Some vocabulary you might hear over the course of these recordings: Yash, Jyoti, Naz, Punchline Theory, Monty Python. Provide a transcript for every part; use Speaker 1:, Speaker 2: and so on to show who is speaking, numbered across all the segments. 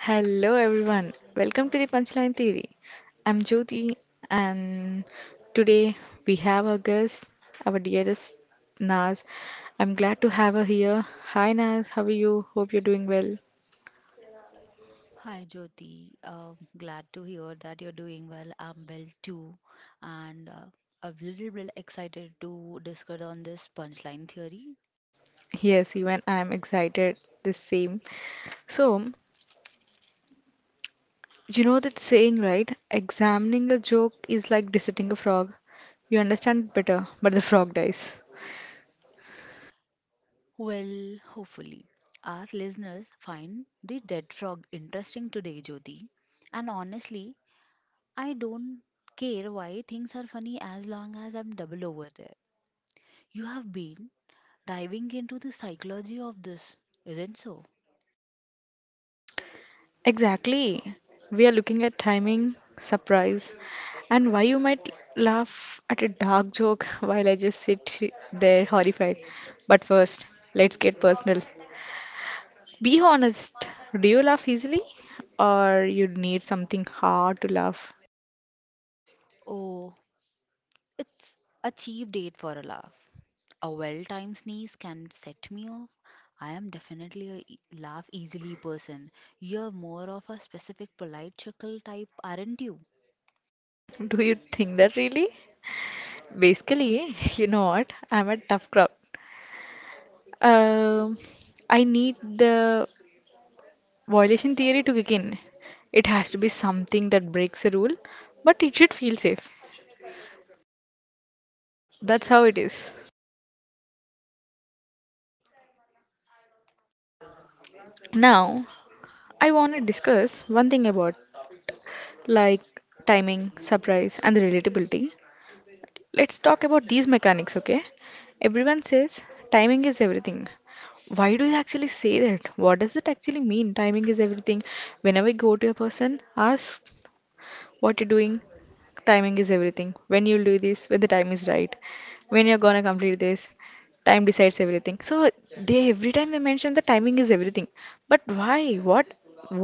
Speaker 1: Hello everyone, welcome to the Punchline Theory. I'm Jyoti, and today we have our guest, our dearest Naz. I'm glad to have her here. Hi Naz, how are you? Hope you're doing well.
Speaker 2: Hi Jyoti, glad to hear that you're doing well. I'm well too, and a little bit excited to discuss on this punchline theory.
Speaker 1: Yes, even I'm excited the same. So, you know that saying, right? Examining a joke is like dissecting a frog. You understand it better, but the frog dies.
Speaker 2: Well, hopefully, our listeners find the dead frog interesting today, Jyoti. And honestly, I don't care why things are funny as long as I'm double over there. You have been diving into the psychology of this, isn't so?
Speaker 1: Exactly. We are looking at timing, surprise, and why you might laugh at a dark joke while I just sit there horrified. But first, let's get personal. Be honest. Do you laugh easily? Or you need something hard to laugh?
Speaker 2: Oh, it's a cheap date for a laugh. A well timed sneeze can set me off. I am definitely a laugh easily person. You're more of a specific polite chuckle type, aren't you?
Speaker 1: Do you think that really? Basically, you know what? I'm a tough crowd. Um, I need the violation theory to kick in. It has to be something that breaks a rule, but it should feel safe. That's how it is. Now, I want to discuss one thing about like timing, surprise, and the relatability. Let's talk about these mechanics, okay? Everyone says timing is everything. Why do they actually say that? What does it actually mean? Timing is everything. Whenever I go to a person, ask what you're doing, timing is everything. When you'll do this, when the time is right, when you're gonna complete this, time decides everything. So they, every time they mention the timing is everything, but why, what,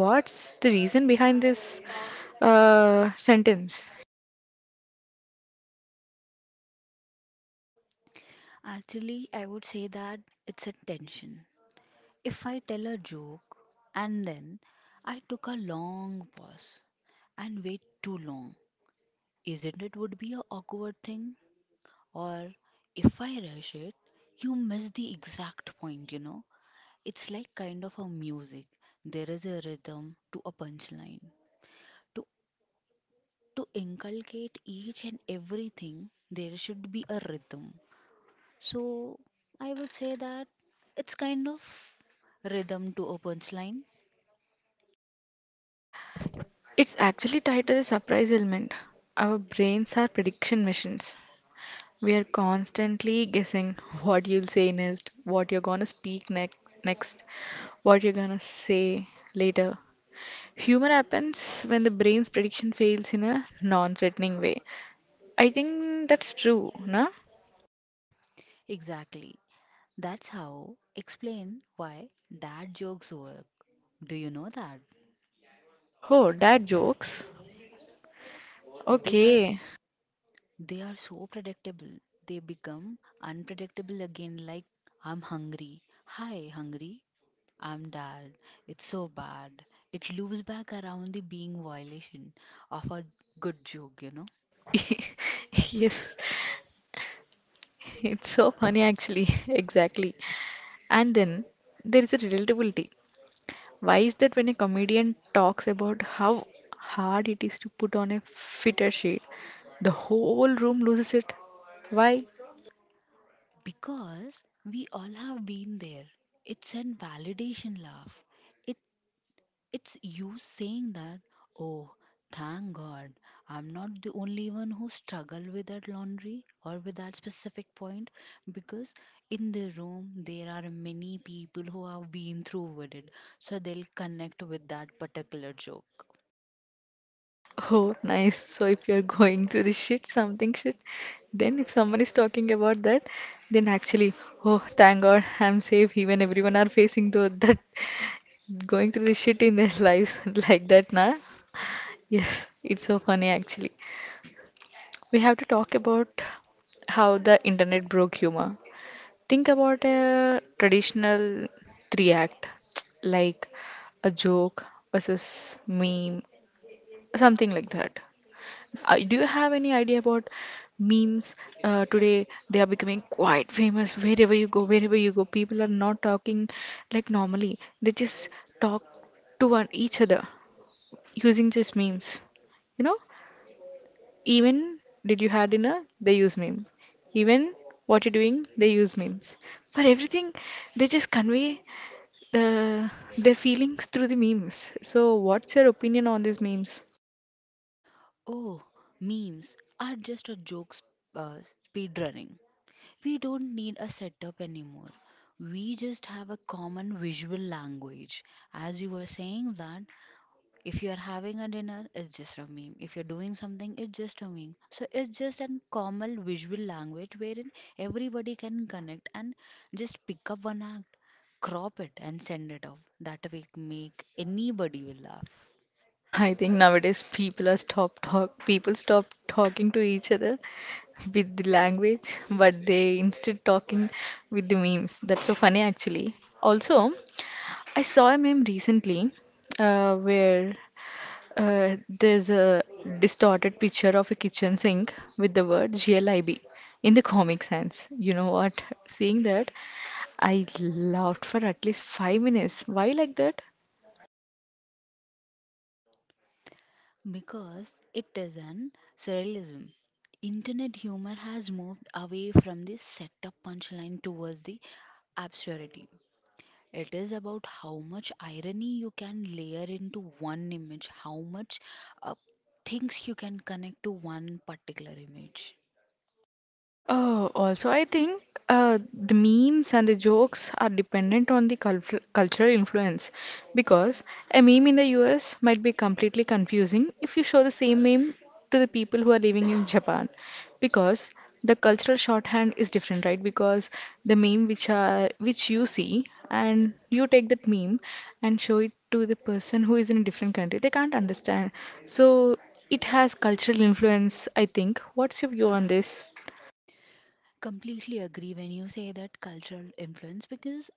Speaker 1: what's the reason behind this sentence?
Speaker 2: Actually, I would say that it's a tension. If I tell a joke and then I took a long pause and wait too long, isn't it would be a awkward thing? Or if I rush it, you miss the exact point, you know? It's like kind of a music. There is a rhythm to a punchline. To to inculcate each and everything, there should be a rhythm. So I would say that it's kind of rhythm to a punchline.
Speaker 1: It's actually tied to the surprise element. Our brains are prediction machines. We are constantly guessing what you'll say next, what you're gonna speak next, what you're gonna say later. Humor happens when the brain's prediction fails in a non threatening way. I think that's true, na?
Speaker 2: Exactly. That's how explain why dad jokes work. Do you know that?
Speaker 1: Oh, dad jokes.
Speaker 2: They are
Speaker 1: Okay.
Speaker 2: they are so predictable. They become unpredictable again like I'm hungry. Hi, hungry. I'm dad. It's so bad. It loops back around the being violation of a good joke, you know?
Speaker 1: Yes, it's so funny actually. Exactly. And then there is a relatability. Why is that when a comedian talks about how hard it is to put on a fitter shade, the whole room loses it? Why?
Speaker 2: Because we all have been there. It's an validation laugh. It it's you saying that, oh, thank God, I'm not the only one who struggle with that laundry or with that specific point because in the room there are many people who have been through with it. So they'll connect with that particular joke.
Speaker 1: Oh, nice. So if you're going through the shit, something shit, then if someone is talking about that, then actually, oh, thank God, I'm safe. Even everyone are facing though that going through the shit in their lives like that, na? Yes, it's so funny actually. We have to talk about how the internet broke humor. Think about a traditional three act, like a joke versus meme, something like that. Do you have any idea about memes today? They are becoming quite famous wherever you go, wherever you go. People are not talking like normally. They just talk to one each other using just memes. You know, even did you have dinner? They use meme. Even what you're doing? They use memes. For everything, they just convey the their feelings through the memes. So, what's your opinion on these memes?
Speaker 2: Oh, memes are just a uh, speedrunning. We don't need a setup anymore. We just have a common visual language. As you were saying that if you are having a dinner, it's just a meme. If you're doing something, it's just a meme. So it's just a common visual language wherein everybody can connect and just pick up one act, crop it, and send it off. That will make anybody will laugh.
Speaker 1: I think nowadays people stop talking to each other with the language, but they instead talking with the memes. That's so funny actually. Also, I saw a meme recently where there's a distorted picture of a kitchen sink with the word GLIB in the comic sense. You know what? Seeing that, I laughed for at least five minutes. Why like that?
Speaker 2: Because it is an surrealism. Internet humor has moved away from the setup punchline towards the absurdity. It is about how much irony you can layer into one image, how much uh, things you can connect to one particular image.
Speaker 1: Oh, also, I think the memes and the jokes are dependent on the cultural influence because a meme in the US might be completely confusing if you show the same meme to the people who are living in Japan because the cultural shorthand is different, right? Because the meme which are which you see and you take that meme and show it to the person who is in a different country, they can't understand. So it has cultural influence, I think. What's your view on this?
Speaker 2: Completely agree when you say that cultural influence because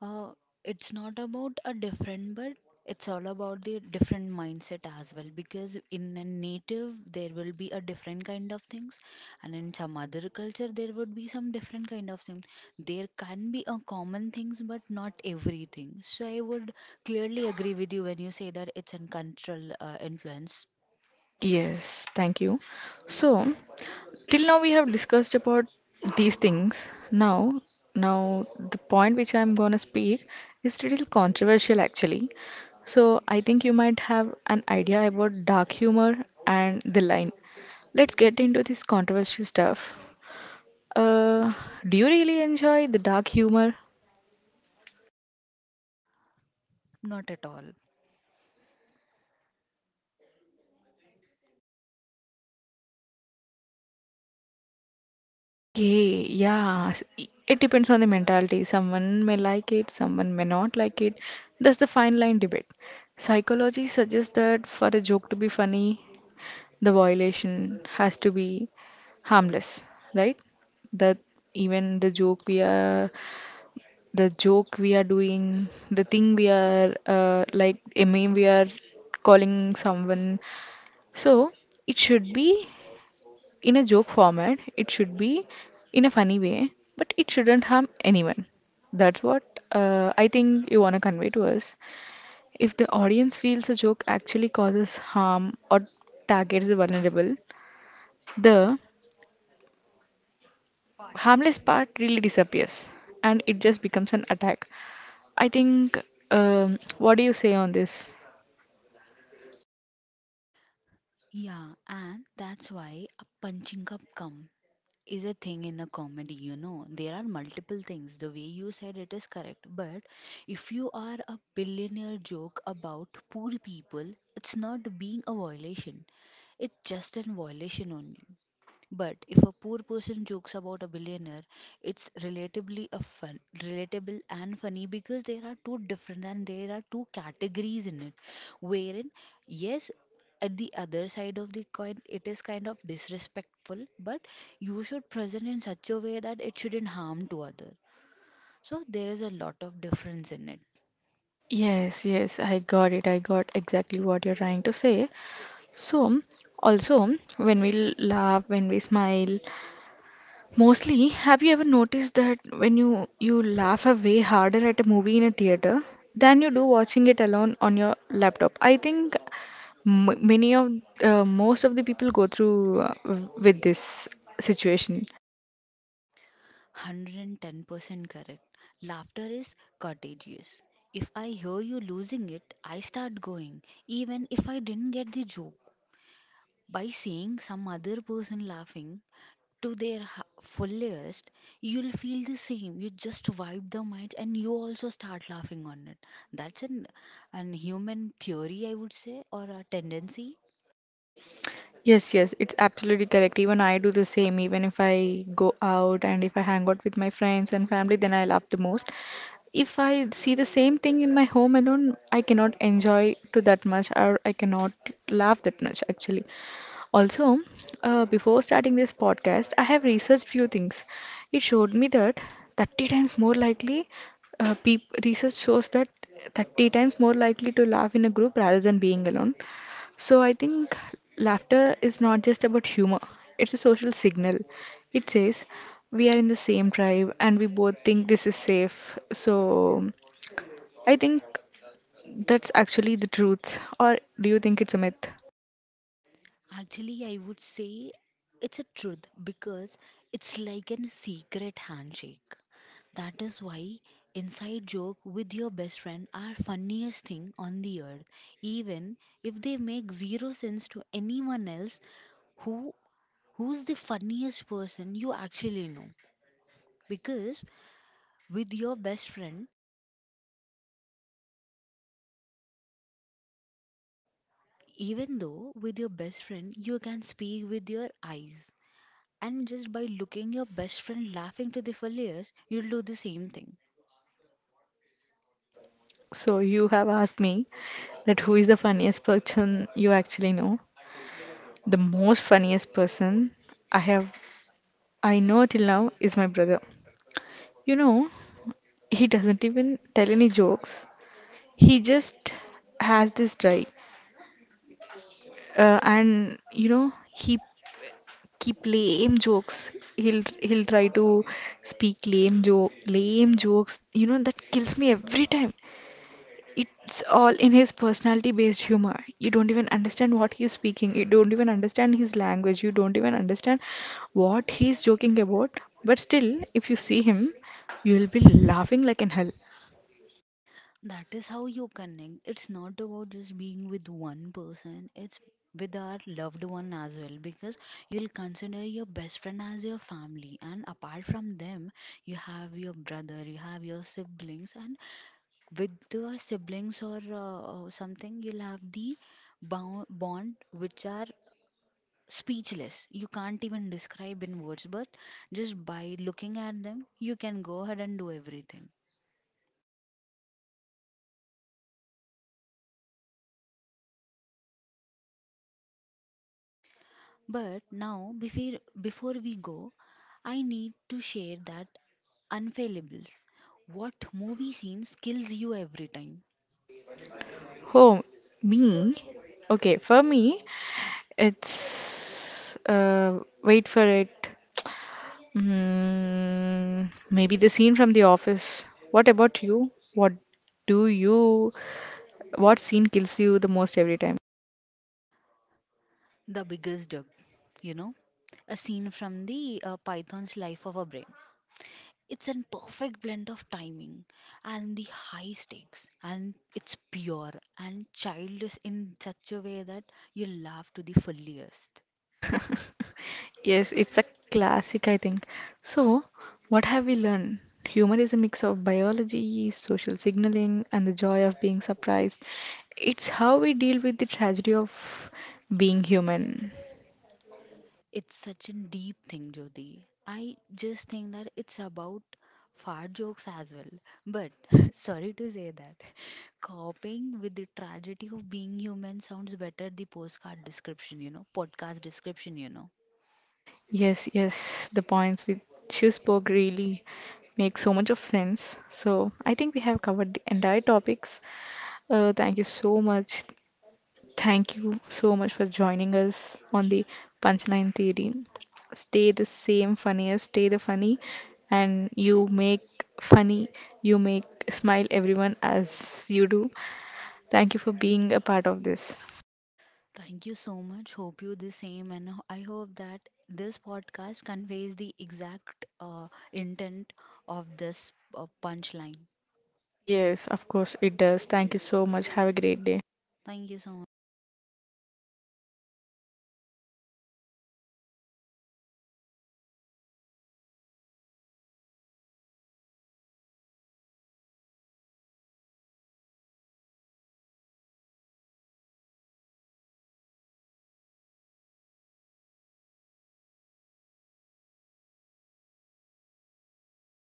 Speaker 2: Uh, it's not about a different, but it's all about the different mindset as well. Because in a native, there will be a different kind of things, and in some other culture, there would be some different kind of things. There can be a common things, but not everything. So I would clearly agree with you when you say that it's an cultural influence.
Speaker 1: Yes, thank you. So, till now we have discussed about these things. Now the point which I'm going to speak is little controversial actually. So, I think you might have an idea about dark humor and the line. Let's get into this controversial stuff. Uh, do you really enjoy the dark humor?
Speaker 2: Not at all.
Speaker 1: Okay, yeah. It depends on the mentality. Someone may like it, someone may not like it. That's the fine line debate. Psychology suggests that for a joke to be funny, the violation has to be harmless, right? That even the joke we are doing, the thing we are like a meme we are calling someone. So it should be in a joke format. It should be in a funny way, but it shouldn't harm anyone. That's what I think you want to convey to us. If the audience feels a joke actually causes harm or targets the vulnerable, the harmless part really disappears and it just becomes an attack. I think, what do you say on this?
Speaker 2: Yeah, and that's why a punching up comes. Is a thing in a comedy you know there are multiple things the way you said it is correct but if you are a billionaire joke about poor people it's not being a violation it's just an violation only but if a poor person jokes about a billionaire, it's relatively a fun, relatable and funny because there are two different and there are two categories in it. Wherein, yes, at the other side of the coin, it is kind of disrespectful, but you should present in such a way that it shouldn't harm to other. So there is a lot of difference in it.
Speaker 1: Yes, yes, I got it. I got exactly what you're trying to say. So, also, when we laugh, when we smile, mostly, have you ever noticed that when you laugh a way harder at a movie in a theater than you do watching it alone on your laptop? I think m- many of most of the people go through with this situation.
Speaker 2: 110% correct. Laughter is contagious. If I hear you losing it, I start going, even if I didn't get the joke. By seeing some other person laughing to their fullest, you'll feel the same. You just vibe the mind and you also start laughing on it. That's an human theory, I would say, or a tendency.
Speaker 1: Yes, yes, it's absolutely correct. Even I do the same. Even if I go out and if I hang out with my friends and family, then I laugh the most. If I see the same thing in my home alone, I cannot enjoy to that much or I cannot laugh that much actually. Also, before starting this podcast, I have researched few things. It showed me that 30 times more likely, research shows that 30 times more likely to laugh in a group rather than being alone. So I think laughter is not just about humor, it's a social signal. It says we are in the same tribe and we both think this is safe. So I think that's actually the truth. Or do you think it's a myth?
Speaker 2: Actually, I would say it's a truth because it's like an secret handshake. That is why inside joke with your best friend are funniest thing on the earth, even if they make zero sense to anyone else who who's the funniest person you actually know because with your best friend even though with your best friend you can speak with your eyes. And just by looking your best friend laughing to the fullest, you'll do the same thing.
Speaker 1: So you have asked me that who is the funniest person you actually know. The most funniest person I have I know till now is my brother. You know, he doesn't even tell any jokes. He just has this drive, and you know he keep lame jokes. He'll try to speak lame jokes. You know that kills me every time. It's all in his personality based humor. You don't even understand what he's speaking. You don't even understand his language. You don't even understand what he's joking about. But still, if you see him, you'll be laughing like in hell.
Speaker 2: That is how you connect. It's not about just being with one person, it's with our loved one as well because you'll consider your best friend as your family and apart from them you have your brother you have your siblings and with your siblings or something you'll have the bond which are speechless. You can't even describe in words, but just by looking at them, you can go ahead and do everything. But now, before we go, I need to share that unfailables. What movie scene kills you every time?
Speaker 1: Oh, me? Okay, for me, it's. Wait for it. Mm, maybe the scene from The Office. What about you? What do you. What scene kills you the most every time?
Speaker 2: The biggest dog, you know? A scene from the python's life of a brain. It's a perfect blend of timing and the high stakes, and it's pure and childish in such a way that you laugh to the fullest.
Speaker 1: Yes, it's a classic, I think. So, what have we learned? Humor is a mix of biology, social signaling, and the joy of being surprised. It's how we deal with the tragedy of being human.
Speaker 2: It's such a deep thing, Jyoti. I just think that it's about fart jokes as well. But sorry to say that, coping with the tragedy of being human sounds better the postcard description, you know, podcast description, you know.
Speaker 1: Yes, yes, the points which you spoke really make so much of sense. So, I think we have covered the entire topics. Thank you so much. Thank you so much for joining us on the Punchline Theory. Stay the same funniest, stay the funny, and you make funny, you make smile everyone as you do. Thank you for being a part of this.
Speaker 2: Thank you so much. Hope you the same, and I hope that this podcast conveys the exact intent of this punchline.
Speaker 1: Yes, of course, it does. Thank you so much. Have a great day.
Speaker 2: Thank you so